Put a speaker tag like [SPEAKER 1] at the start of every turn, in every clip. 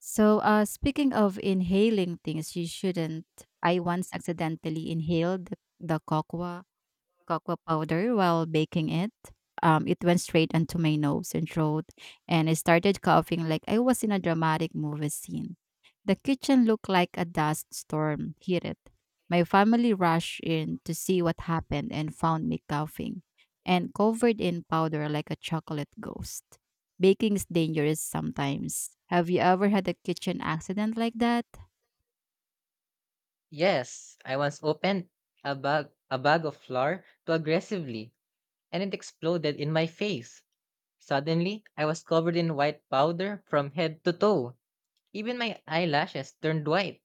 [SPEAKER 1] So, speaking of inhaling things you shouldn't, I once accidentally inhaled the cocoa powder while baking it. It went straight onto my nose and throat, and I started coughing like I was in a dramatic movie scene. The kitchen looked like a dust storm hit it. My family rushed in to see what happened and found me coughing and covered in powder like a chocolate ghost. Baking's dangerous sometimes. Have you ever had a kitchen accident like that?
[SPEAKER 2] Yes, I once opened a bag of flour too aggressively and it exploded in my face. Suddenly, I was covered in white powder from head to toe. Even my eyelashes turned white.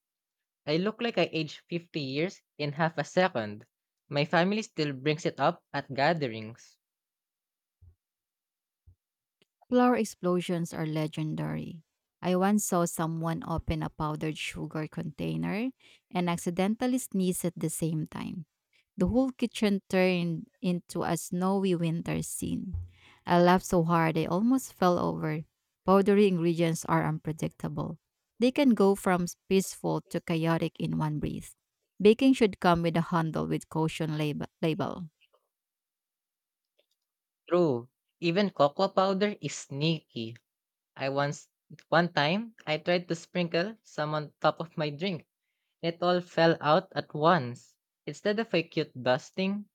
[SPEAKER 2] I look like I aged 50 years in half a second. My family still brings it up at gatherings.
[SPEAKER 1] Flour explosions are legendary. I once saw someone open a powdered sugar container and accidentally sneeze at the same time. The whole kitchen turned into a snowy winter scene. I laughed so hard I almost fell over. Powdery ingredients are unpredictable. They can go from peaceful to chaotic in one breath. Baking should come with a handle with caution label.
[SPEAKER 2] True. Even cocoa powder is sneaky. I once one time I tried to sprinkle some on top of my drink. It all fell out at once. Instead of a cute dusting,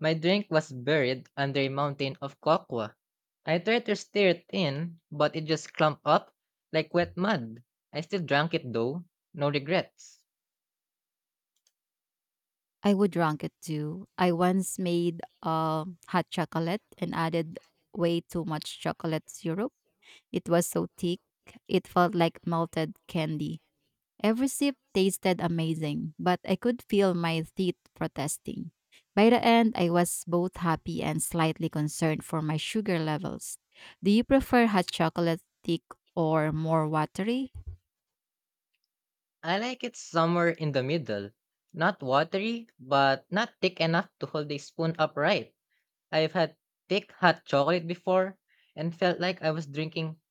[SPEAKER 2] my drink was buried under a mountain of cocoa. I tried to stir it in, but it just clumped up like wet mud. I still drank it though. No regrets.
[SPEAKER 1] I would rank it too. I once made hot chocolate and added way too much chocolate syrup. It was so thick, it felt like melted candy. Every sip tasted amazing, but I could feel my teeth protesting. By the end, I was both happy and slightly concerned for my sugar levels. Do you prefer hot chocolate thick or more watery?
[SPEAKER 2] I like it somewhere in the middle. Not watery, but not thick enough to hold a spoon upright. I've had thick hot chocolate before and felt like I was drinking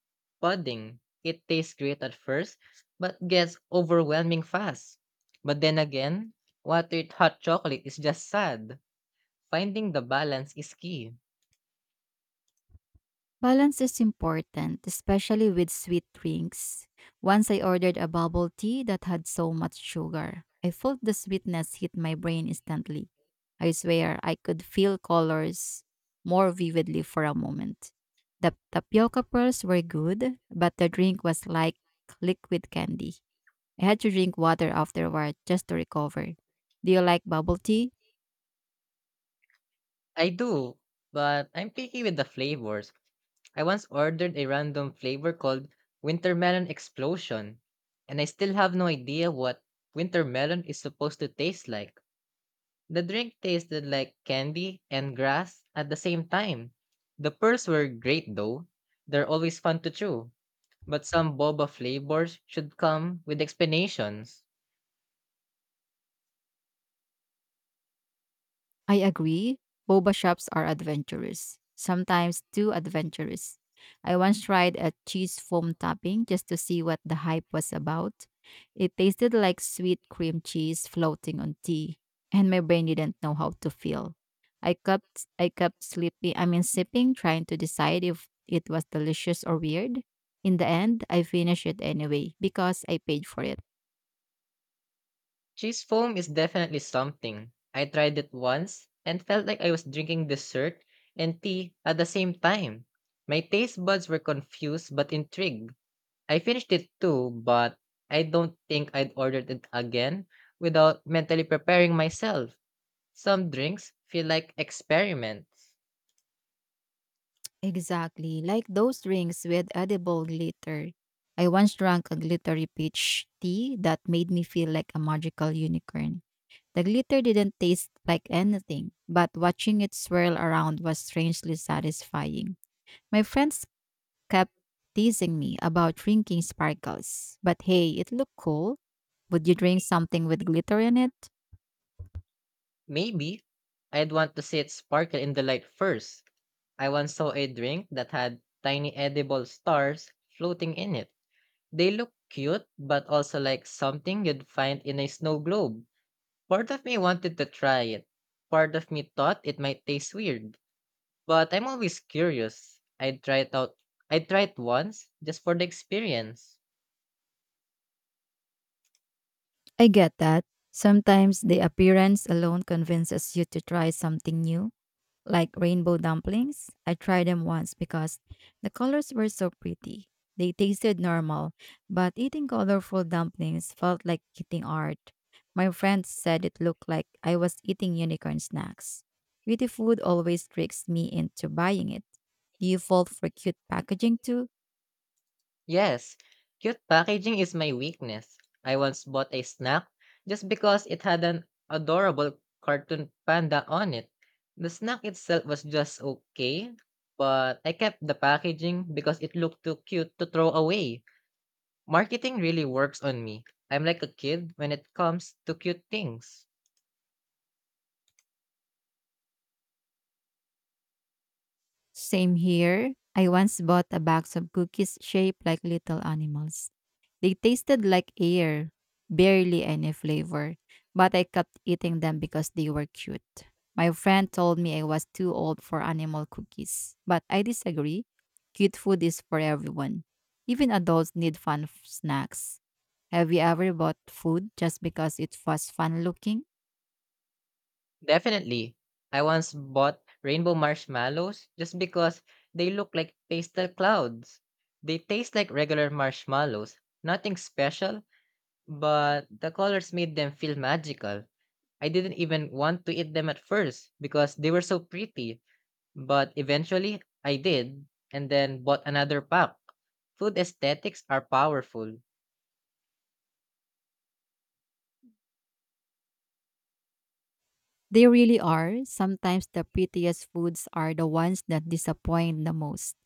[SPEAKER 2] pudding. It tastes great at first, but gets overwhelming fast. But then again, watered hot chocolate is just sad. Finding the balance is key.
[SPEAKER 1] Balance is important, especially with sweet drinks. Once I ordered a bubble tea that had so much sugar. I felt the sweetness hit my brain instantly. I swear I could feel colors more vividly for a moment. The tapioca pearls were good, but the drink was like liquid candy. I had to drink water afterward just to recover. Do you like bubble tea?
[SPEAKER 2] I do, but I'm picky with the flavors. I once ordered a random flavor called Winter Melon Explosion, and I still have no idea what winter melon is supposed to taste like. The drink tasted like candy and grass at the same time. The pearls were great though. They're always fun to chew. But some boba flavors should come with explanations.
[SPEAKER 1] I agree. Boba shops are adventurous, sometimes too adventurous. I once tried a cheese foam topping just to see what the hype was about. It tasted like sweet cream cheese floating on tea, and my brain didn't know how to feel. I kept sleeping, I mean sipping, trying to decide if it was delicious or weird. In the end, I finished it anyway because I paid for it.
[SPEAKER 2] Cheese foam is definitely something. I tried it once and felt like I was drinking dessert and tea at the same time. My taste buds were confused but intrigued. I finished it too, but I don't think I'd ordered it again without mentally preparing myself. Some drinks feel like experiments.
[SPEAKER 1] Exactly, like those drinks with edible glitter. I once drank a glittery peach tea that made me feel like a magical unicorn. The glitter didn't taste like anything, but watching it swirl around was strangely satisfying. My friends kept teasing me about drinking sparkles, but hey, it looked cool. Would you drink something with glitter in it?
[SPEAKER 2] Maybe I'd want to see it sparkle in the light first. I once saw a drink that had tiny edible stars floating in it. They look cute, but also like something you'd find in a snow globe. Part of me wanted to try it. Part of me thought it might taste weird. But I'm always curious. I'd try it out. I'd try it once just for the experience.
[SPEAKER 1] I get that. Sometimes the appearance alone convinces you to try something new. Like rainbow dumplings. I tried them once because the colors were so pretty. They tasted normal, but eating colorful dumplings felt like eating art. My friends said it looked like I was eating unicorn snacks. Beauty food always tricks me into buying it. Do you fall for cute packaging too?
[SPEAKER 2] Yes, cute packaging is my weakness. I once bought a snack just because it had an adorable cartoon panda on it. The snack itself was just okay, but I kept the packaging because it looked too cute to throw away. Marketing really works on me. I'm like a kid when it comes to cute things.
[SPEAKER 1] Same here. I once bought a box of cookies shaped like little animals. They tasted like air, barely any flavor, but I kept eating them because they were cute. My friend told me I was too old for animal cookies, but I disagree. Cute food is for everyone. Even adults need fun snacks. Have you ever bought food just because it was fun looking?
[SPEAKER 2] Definitely. I once bought rainbow marshmallows just because they look like pastel clouds. They taste like regular marshmallows, nothing special, but the colors made them feel magical. I didn't even want to eat them at first because they were so pretty, but eventually I did and then bought another pack. Food aesthetics are powerful.
[SPEAKER 1] They really are. Sometimes the prettiest foods are the ones that disappoint the most.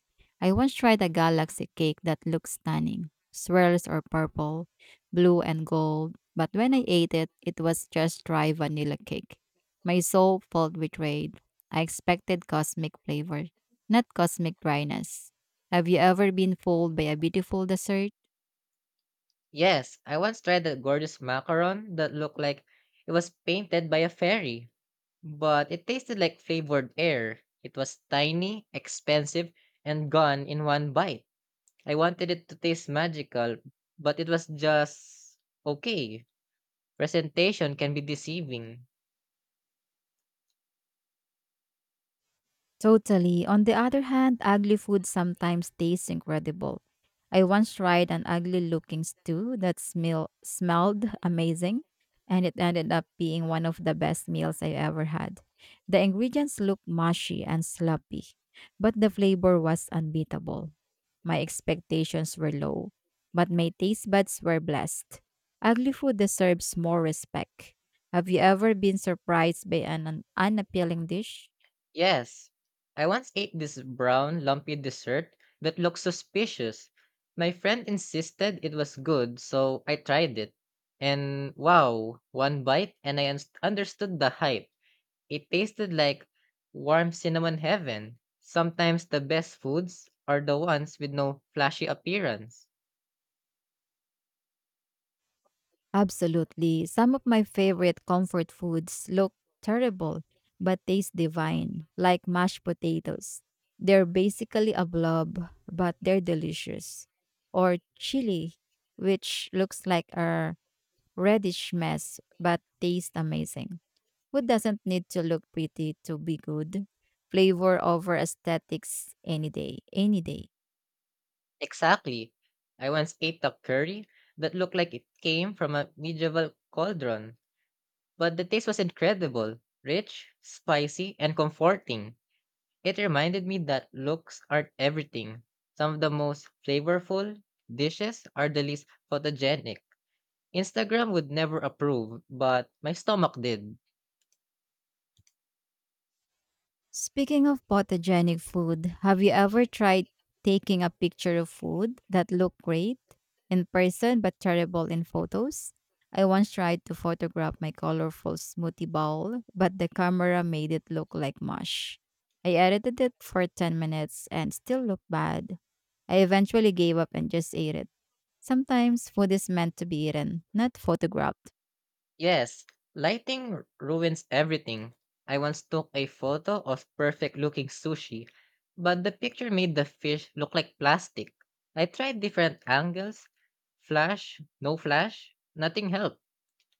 [SPEAKER 1] I once tried a galaxy cake that looked stunning. Swirls are purple, blue, and gold, but when I ate it, it was just dry vanilla cake. My soul felt betrayed. I expected cosmic flavor, not cosmic dryness. Have you ever been fooled by a beautiful dessert?
[SPEAKER 2] Yes, I once tried a gorgeous macaron that looked like it was painted by a fairy, but it tasted like flavored air. It was tiny, expensive, and gone in one bite. I wanted it to taste magical, but it was just okay. Presentation can be deceiving.
[SPEAKER 1] Totally. On the other hand, ugly food sometimes tastes incredible. I once tried an ugly looking stew that smelled amazing, and it ended up being one of the best meals I ever had. The ingredients looked mushy and sloppy, but the flavor was unbeatable. My expectations were low, but my taste buds were blessed. Ugly food deserves more respect. Have you ever been surprised by an unappealing dish?
[SPEAKER 2] Yes. I once ate this brown, lumpy dessert that looked suspicious. My friend insisted it was good, so I tried it. And wow, one bite and I understood the hype. It tasted like warm cinnamon heaven. Sometimes the best foods are the ones with no flashy appearance.
[SPEAKER 1] Absolutely. Some of my favorite comfort foods look terrible but taste divine, like mashed potatoes. They're basically a blob, but they're delicious. Or chili, which looks like a reddish mess but tastes amazing. Food doesn't need to look pretty to be good. Flavor over aesthetics any day, any day.
[SPEAKER 2] Exactly. I once ate a curry that looked like it came from a medieval cauldron, but the taste was incredible, rich, spicy, and comforting. It reminded me that looks aren't everything. Some of the most flavorful dishes are the least photogenic. Instagram would never approve, but my stomach did.
[SPEAKER 1] Speaking of photogenic food, have you ever tried taking a picture of food that looked great in person but terrible in photos? I once tried to photograph my colorful smoothie bowl, but the camera made it look like mush. I edited it for 10 minutes and still looked bad. I eventually gave up and just ate it. Sometimes food is meant to be eaten, not photographed.
[SPEAKER 2] Yes, lighting ruins everything. I once took a photo of perfect looking sushi, but the picture made the fish look like plastic. I tried different angles, flash, no flash, nothing helped.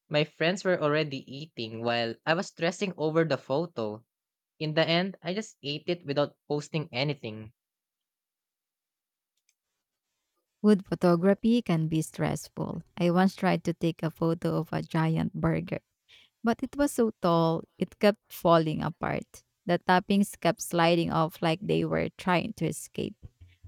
[SPEAKER 2] My friends were already eating while I was stressing over the photo. In the end, I just ate it without posting anything.
[SPEAKER 1] Food photography can be stressful. I once tried to take a photo of a giant burger, but it was so tall, it kept falling apart. The toppings kept sliding off like they were trying to escape.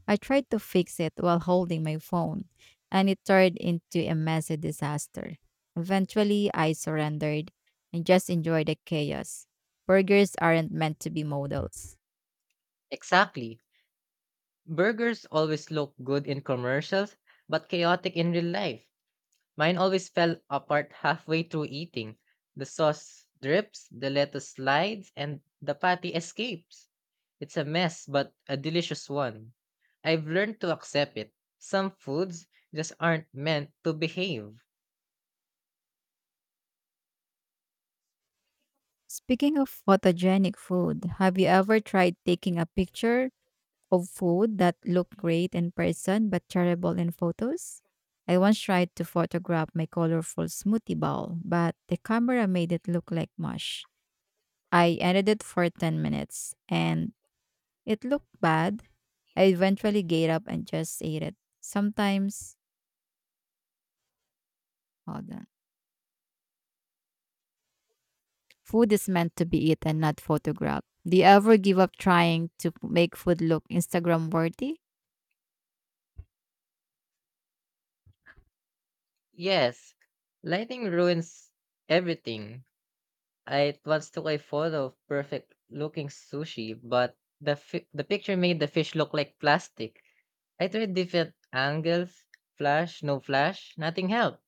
[SPEAKER 1] I tried to fix it while holding my phone, and it turned into a messy disaster. Eventually, I surrendered and just enjoyed the chaos. Burgers aren't meant to be models.
[SPEAKER 2] Exactly. Burgers always look good in commercials, but chaotic in real life. Mine always fell apart halfway through eating. The sauce drips, the lettuce slides, and the patty escapes. It's a mess, but a delicious one. I've learned to accept it. Some foods just aren't meant to behave.
[SPEAKER 1] Speaking of photogenic food, have you ever tried taking a picture of food that looked great in person but terrible in photos. I once tried to photograph my colorful smoothie bowl, but the camera made it look like mush. I edited it for 10 minutes and it looked bad. I eventually gave up and just ate it. Sometimes, hold on. Food is meant to be eaten, not photographed. Do you ever give up trying to make food look Instagram worthy?
[SPEAKER 2] Yes, lighting ruins everything. I once took a photo of perfect looking sushi, but the picture made the fish look like plastic. I tried different angles, flash, no flash, nothing helped.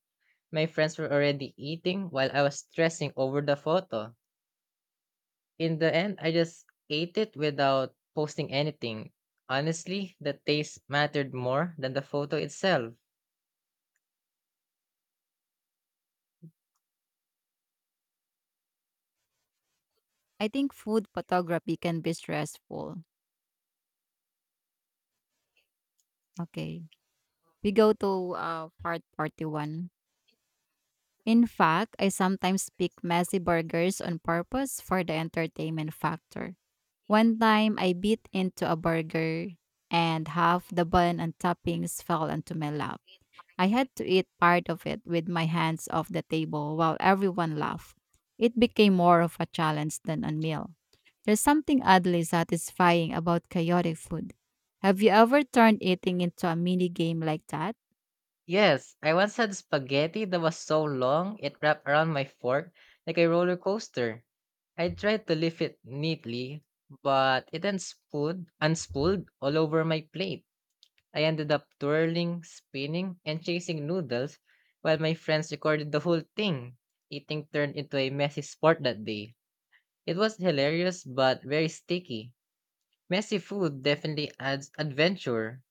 [SPEAKER 2] My friends were already eating while I was stressing over the photo. In the end, I just ate it without posting anything. Honestly, the taste mattered more than the photo itself.
[SPEAKER 1] I think food photography can be stressful. Okay. We go to part 41. In fact, I sometimes pick messy burgers on purpose for the entertainment factor. One time, I bit into a burger and half the bun and toppings fell onto my lap. I had to eat part of it with my hands off the table while everyone laughed. It became more of a challenge than a meal. There's something oddly satisfying about chaotic food. Have you ever turned eating into a mini game like that?
[SPEAKER 2] Yes, I once had spaghetti that was so long it wrapped around my fork like a roller coaster. I tried to lift it neatly, but it unspooled all over my plate. I ended up twirling, spinning, and chasing noodles while my friends recorded the whole thing. Eating turned into a messy sport that day. It was hilarious but very sticky. Messy food definitely adds adventure.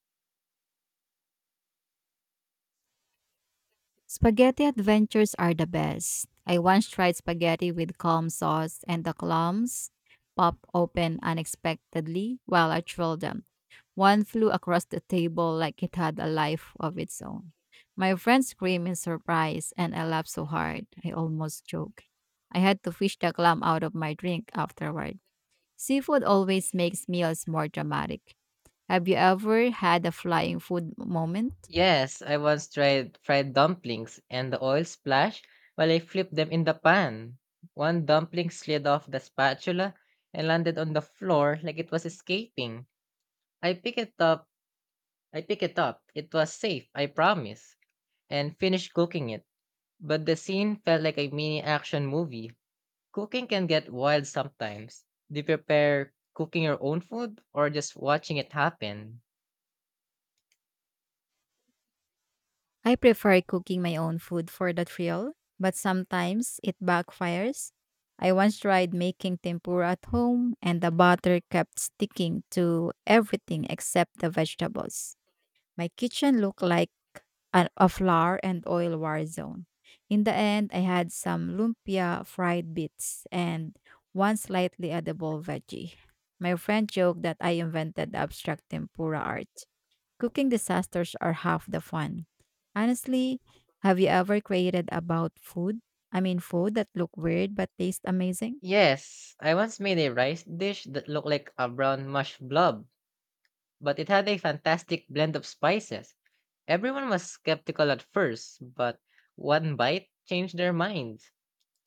[SPEAKER 1] Spaghetti adventures are the best. I once tried spaghetti with calm sauce and the clams popped open unexpectedly while I twirled them. One flew across the table like it had a life of its own. My friend screamed in surprise and I laughed so hard I almost choked. I had to fish the clam out of my drink afterward. Seafood always makes meals more dramatic. Have you ever had a flying food moment?
[SPEAKER 2] Yes, I once tried fried dumplings and the oil splashed while I flipped them in the pan. One dumpling slid off the spatula and landed on the floor like it was escaping. I pick it up. I pick it up. It was safe, I promise, and finished cooking it. But the scene felt like a mini action movie. Cooking can get wild sometimes. Do you prepare cooking your own food or just watching it happen?
[SPEAKER 1] I prefer cooking my own food for the thrill, but sometimes it backfires. I once tried making tempura at home, and the butter kept sticking to everything except the vegetables. My kitchen looked like a flour and oil war zone. In the end, I had some lumpia fried bits and one slightly edible veggie. My friend joked that I invented the abstract tempura art. Cooking disasters are half the fun. Honestly, have you ever created about food? I mean, food that look weird but taste amazing?
[SPEAKER 2] Yes, I once made a rice dish that looked like a brown mush blob, but it had a fantastic blend of spices. Everyone was skeptical at first, but one bite changed their minds.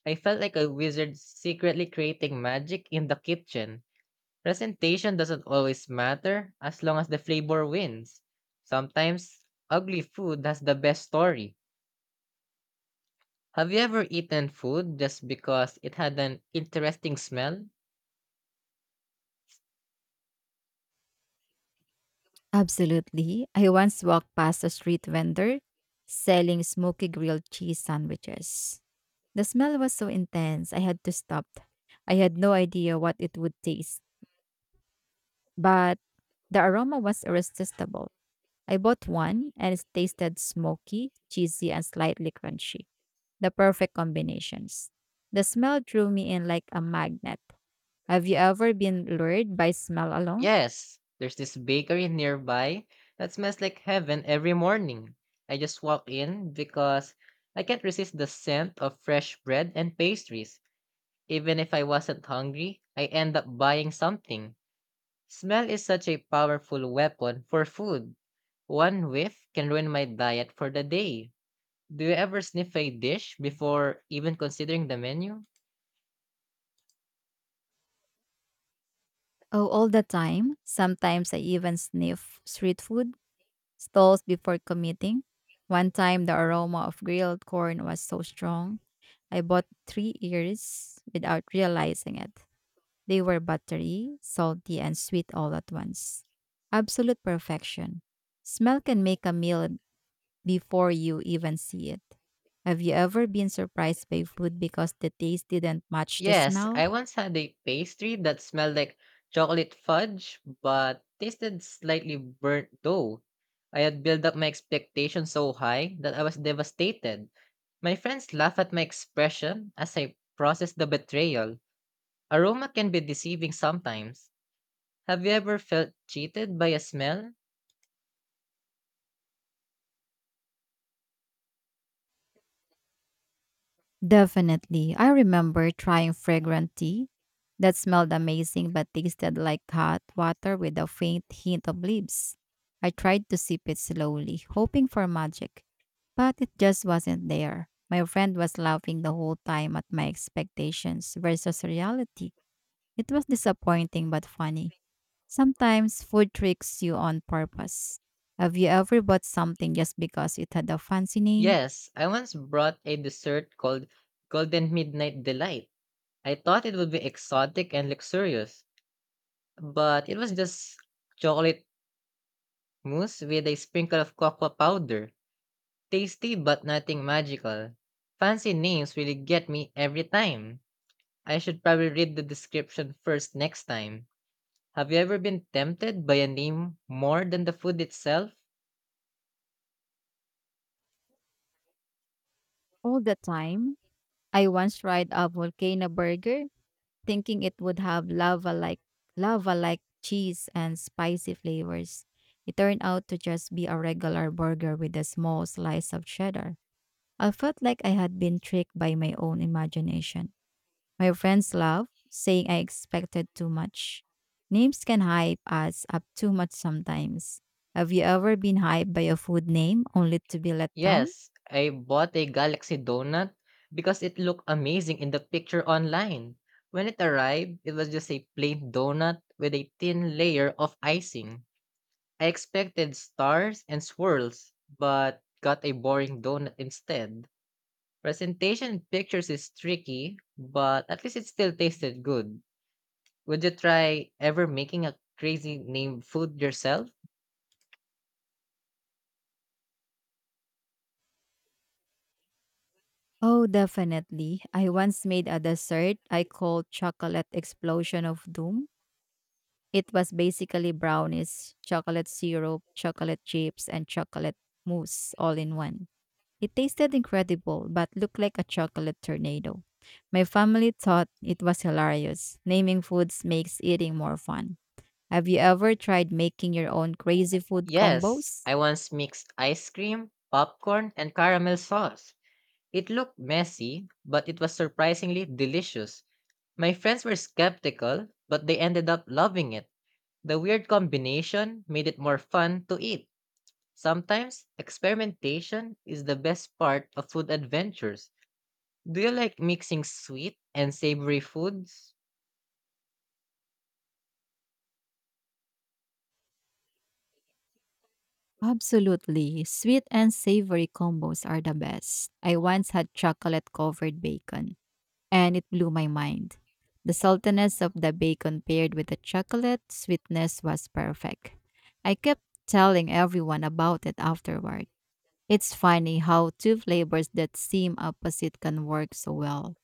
[SPEAKER 2] I felt like a wizard secretly creating magic in the kitchen. Presentation doesn't always matter as long as the flavor wins. Sometimes ugly food has the best story. Have you ever eaten food just because it had an interesting smell?
[SPEAKER 1] Absolutely. I once walked past a street vendor selling smoky grilled cheese sandwiches. The smell was so intense, I had to stop. I had no idea what it would taste, but the aroma was irresistible. I bought one and it tasted smoky, cheesy, and slightly crunchy. The perfect combinations. The smell drew me in like a magnet. Have you ever been lured by smell alone?
[SPEAKER 2] Yes, there's this bakery nearby that smells like heaven every morning. I just walk in because I can't resist the scent of fresh bread and pastries. Even if I wasn't hungry, I end up buying something. Smell is such a powerful weapon for food. One whiff can ruin my diet for the day. Do you ever sniff a dish before even considering the menu?
[SPEAKER 1] Oh, all the time. Sometimes I even sniff street food stalls before committing. One time, the aroma of grilled corn was so strong, I bought three ears without realizing it. They were buttery, salty, and sweet all at once. Absolute perfection. Smell can make a meal before you even see it. Have you ever been surprised by food because the taste didn't match the
[SPEAKER 2] Yes,
[SPEAKER 1] smell?
[SPEAKER 2] I once had a pastry that smelled like chocolate fudge but tasted slightly burnt dough. I had built up my expectations so high that I was devastated. My friends laughed at my expression as I processed the betrayal. Aroma can be deceiving sometimes. Have you ever felt cheated by a smell?
[SPEAKER 1] Definitely. I remember trying fragrant tea that smelled amazing but tasted like hot water with a faint hint of leaves. I tried to sip it slowly, hoping for magic, but it just wasn't there. My friend was laughing the whole time at my expectations versus reality. It was disappointing but funny. Sometimes food tricks you on purpose. Have you ever bought something just because it had a fancy name?
[SPEAKER 2] Yes, I once brought a dessert called Golden Midnight Delight. I thought it would be exotic and luxurious, but it was just chocolate mousse with a sprinkle of cocoa powder. Tasty but nothing magical. Fancy names really get me every time. I should probably read the description first next time. Have you ever been tempted by a name more than the food itself?
[SPEAKER 1] All the time. I once tried a volcano burger, thinking it would have lava like cheese and spicy flavors. It turned out to just be a regular burger with a small slice of cheddar. I felt like I had been tricked by my own imagination. My friends laugh, saying I expected too much. Names can hype us up too much sometimes. Have you ever been hyped by a food name only to be let down?
[SPEAKER 2] Yes, I bought a galaxy donut because it looked amazing in the picture online. When it arrived, it was just a plain donut with a thin layer of icing. I expected stars and swirls, but got a boring donut instead. Presentation in pictures is tricky, but at least it still tasted good. Would you try ever making a crazy named food yourself?
[SPEAKER 1] Oh, definitely. I once made a dessert I called Chocolate Explosion of Doom. It was basically brownies, chocolate syrup, chocolate chips, and chocolate mousse all in one. It tasted incredible, but looked like a chocolate tornado. My family thought it was hilarious. Naming foods makes eating more fun. Have you ever tried making your own crazy food
[SPEAKER 2] Yes,
[SPEAKER 1] combos?
[SPEAKER 2] I once mixed ice cream, popcorn, and caramel sauce. It looked messy, but it was surprisingly delicious. My friends were skeptical, but they ended up loving it. The weird combination made it more fun to eat. Sometimes experimentation is the best part of food adventures. Do you like mixing sweet and savory foods?
[SPEAKER 1] Absolutely. Sweet and savory combos are the best. I once had chocolate covered bacon, and it blew my mind. The saltiness of the bacon paired with the chocolate sweetness was perfect. I kept telling everyone about it afterward. It's funny how two flavors that seem opposite can work so well.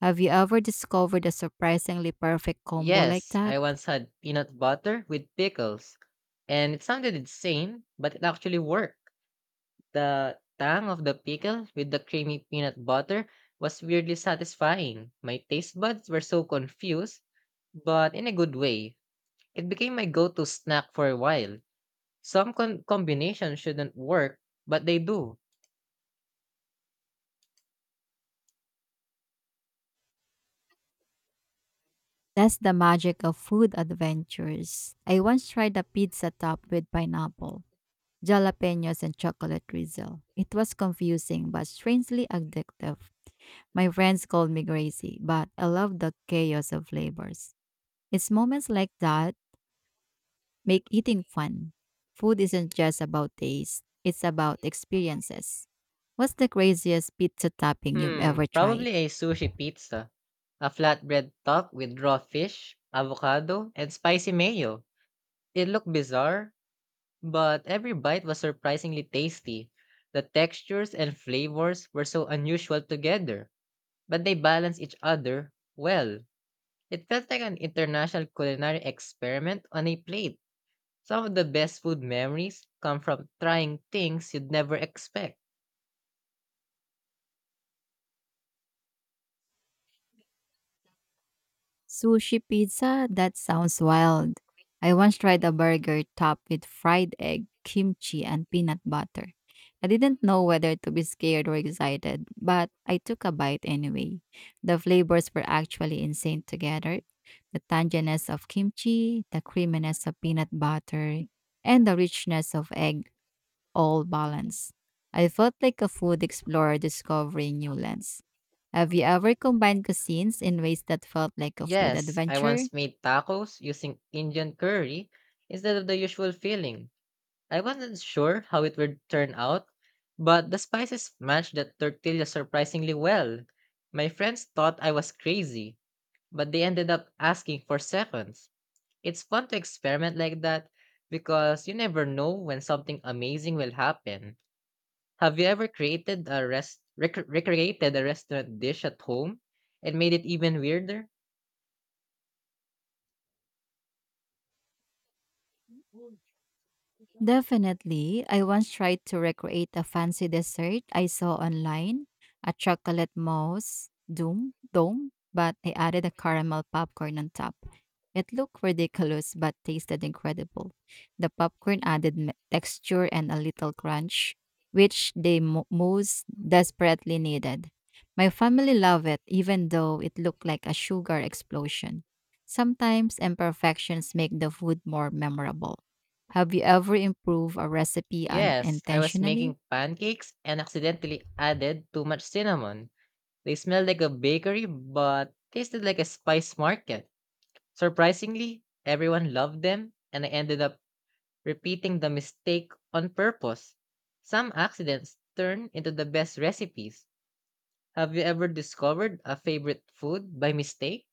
[SPEAKER 1] Have you ever discovered a surprisingly perfect combo like
[SPEAKER 2] Yes,
[SPEAKER 1] that?
[SPEAKER 2] I once had peanut butter with pickles, and it sounded insane, but it actually worked. The tang of the pickle with the creamy peanut butter was weirdly satisfying. My taste buds were so confused, but in a good way. It became my go to snack for a while. Some combinations shouldn't work, but they do.
[SPEAKER 1] That's the magic of food adventures. I once tried a pizza topped with pineapple, jalapenos, and chocolate drizzle. It was confusing but strangely addictive. My friends called me crazy, but I love the chaos of flavors. It's moments like that make eating fun. Food isn't just about taste, it's about experiences. What's the craziest pizza topping you've ever
[SPEAKER 2] Hmm,
[SPEAKER 1] tried?
[SPEAKER 2] probably a sushi pizza. A flatbread top with raw fish, avocado, and spicy mayo. It looked bizarre, but every bite was surprisingly tasty. The textures and flavors were so unusual together, but they balanced each other well. It felt like an international culinary experiment on a plate. Some of the best food memories come from trying things you'd never expect.
[SPEAKER 1] Sushi pizza? That sounds wild. I once tried a burger topped with fried egg, kimchi, and peanut butter. I didn't know whether to be scared or excited, but I took a bite anyway. The flavors were actually insane together. The tanginess of kimchi, the creaminess of peanut butter, and the richness of egg all balance. I felt like a food explorer discovering new lands. Have you ever combined cuisines in ways that felt like a food
[SPEAKER 2] Yes, I
[SPEAKER 1] adventure?
[SPEAKER 2] once made tacos using Indian curry instead of the usual filling. I wasn't sure how it would turn out, but the spices matched the tortilla surprisingly well. My friends thought I was crazy, but they ended up asking for seconds. It's fun to experiment like that because you never know when something amazing will happen. Have you ever created a rest rec- recreated a restaurant dish at home and made it even weirder?
[SPEAKER 1] Definitely. I once tried to recreate a fancy dessert I saw online, a chocolate mousse doom dome, but I added a caramel popcorn on top. It looked ridiculous but tasted incredible. The popcorn added texture and a little crunch, which the mousse desperately needed. My family loved it, even though it looked like a sugar explosion. Sometimes imperfections make the food more memorable. Have you ever improved a recipe
[SPEAKER 2] Yes, I was
[SPEAKER 1] unintentionally?
[SPEAKER 2] making pancakes and accidentally added too much cinnamon. They smelled like a bakery but tasted like a spice market. Surprisingly, everyone loved them and I ended up repeating the mistake on purpose. Some accidents turn into the best recipes. Have you ever discovered a favorite food by mistake?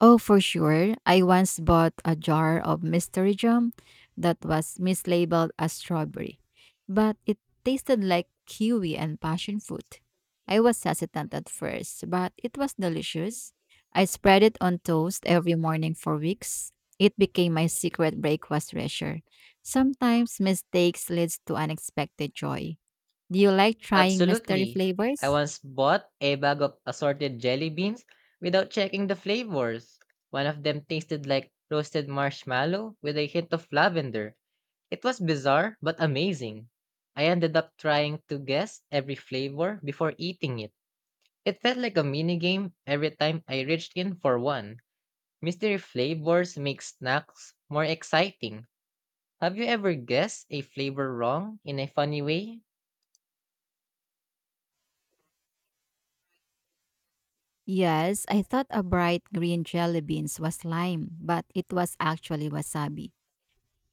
[SPEAKER 1] Oh, for sure. I once bought a jar of mystery jam that was mislabeled as strawberry, but it tasted like kiwi and passion fruit. I was hesitant at first, but it was delicious. I spread it on toast every morning for weeks. It became my secret breakfast treasure. Sometimes mistakes leads to unexpected joy. Do you like trying mystery
[SPEAKER 2] Absolutely. I
[SPEAKER 1] flavors?
[SPEAKER 2] once bought a bag of assorted jelly beans without checking the flavors. One of them tasted like roasted marshmallow with a hint of lavender. It was bizarre but amazing. I ended up trying to guess every flavor before eating it. It felt like a mini game every time I reached in for one. Mystery flavors make snacks more exciting. Have you ever guessed a flavor wrong in a funny way?
[SPEAKER 1] Yes, I thought a bright green jelly beans was lime, but it was actually wasabi.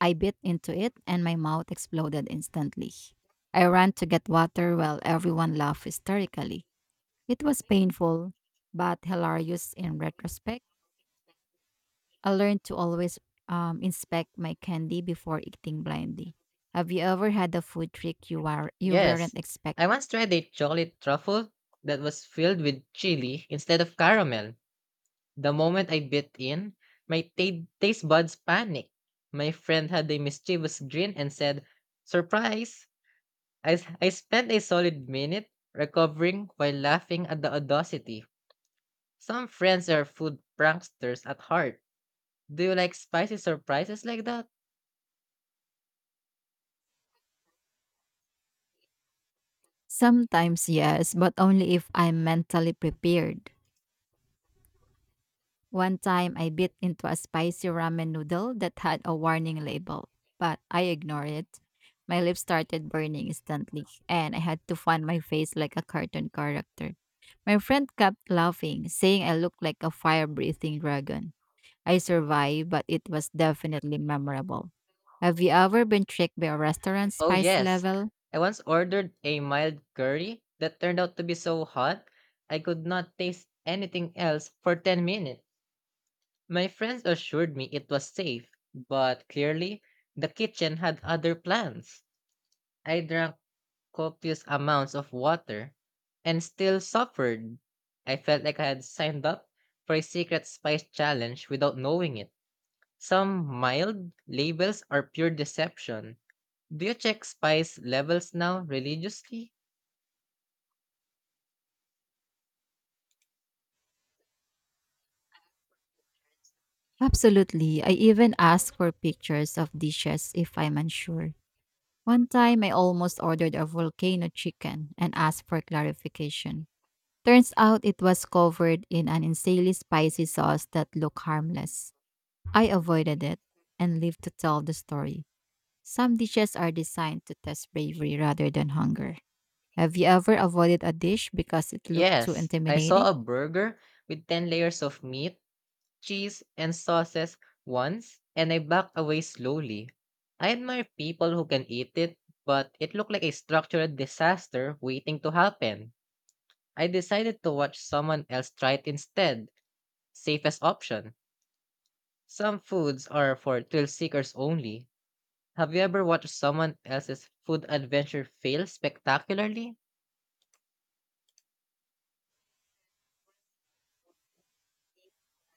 [SPEAKER 1] I bit into it and my mouth exploded instantly. I ran to get water while everyone laughed hysterically. It was painful, but hilarious in retrospect. I learned to always inspect my candy before eating blindly. Have you ever had a food trick you
[SPEAKER 2] Yes.
[SPEAKER 1] weren't
[SPEAKER 2] I
[SPEAKER 1] expecting?
[SPEAKER 2] once tried a chocolate truffle that was filled with chili instead of caramel. The moment I bit in, my taste buds panicked. My friend had a mischievous grin and said, Surprise! I spent a solid minute recovering while laughing at the audacity. Some friends are food pranksters at heart. Do you like spicy surprises like that?
[SPEAKER 1] Sometimes, yes, but only if I'm mentally prepared. One time I bit into a spicy ramen noodle that had a warning label, but I ignored it. My lips started burning instantly, and I had to fan my face like a cartoon character. My friend kept laughing, saying I looked like a fire breathing dragon. I survived, but it was definitely memorable. Have you ever been tricked by a restaurant's
[SPEAKER 2] Oh,
[SPEAKER 1] spice
[SPEAKER 2] yes.
[SPEAKER 1] level?
[SPEAKER 2] I once ordered a mild curry that turned out to be so hot I could not taste anything else for 10 minutes. My friends assured me it was safe, but clearly the kitchen had other plans. I drank copious amounts of water and still suffered. I felt like I had signed up for a secret spice challenge without knowing it. Some mild labels are pure deception. Do you check spice levels now religiously?
[SPEAKER 1] Absolutely. I even ask for pictures of dishes if I'm unsure. One time, I almost ordered a volcano chicken and asked for clarification. Turns out it was covered in an insanely spicy sauce that looked harmless. I avoided it and lived to tell the story. Some dishes are designed to test bravery rather than hunger. Have you ever avoided a dish because it looked too
[SPEAKER 2] Yes, I saw
[SPEAKER 1] intimidating?
[SPEAKER 2] a burger with 10 layers of meat, cheese, and sauces once, and I backed away slowly. I admire people who can eat it, but it looked like a structural disaster waiting to happen. I decided to watch someone else try it instead, safest option. Some foods are for thrill seekers only. Have you ever watched someone else's food adventure fail spectacularly?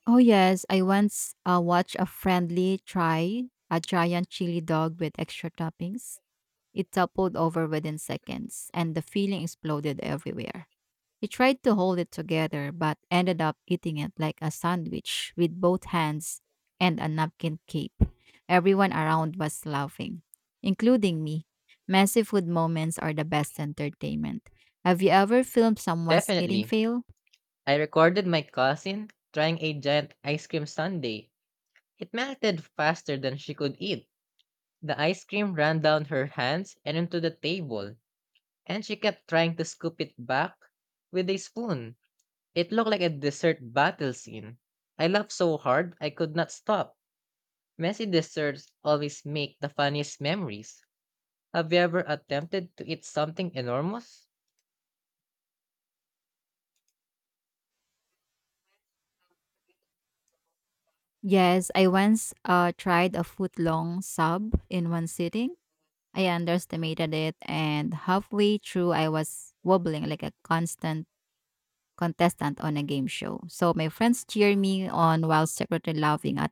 [SPEAKER 1] Oh yes, I once watched a friendly try a giant chili dog with extra toppings. It toppled over within seconds, and the filling exploded everywhere. He tried to hold it together, but ended up eating it like a sandwich with both hands and a napkin cape. Everyone around was laughing, including me. Messy food moments are the best entertainment. Have you ever filmed someone's eating
[SPEAKER 2] Definitely.
[SPEAKER 1] fail?
[SPEAKER 2] I recorded my cousin trying a giant ice cream sundae. It melted faster than she could eat. The ice cream ran down her hands and into the table, and she kept trying to scoop it back with a spoon. It looked like a dessert battle scene. I laughed so hard I could not stop. Messy desserts always make the funniest memories. Have you ever attempted to eat something enormous?
[SPEAKER 1] Yes, I once tried a foot long sub in one sitting. I underestimated it, and halfway through, I was wobbling like a constant contestant on a game show. So my friends cheered me on while secretly laughing at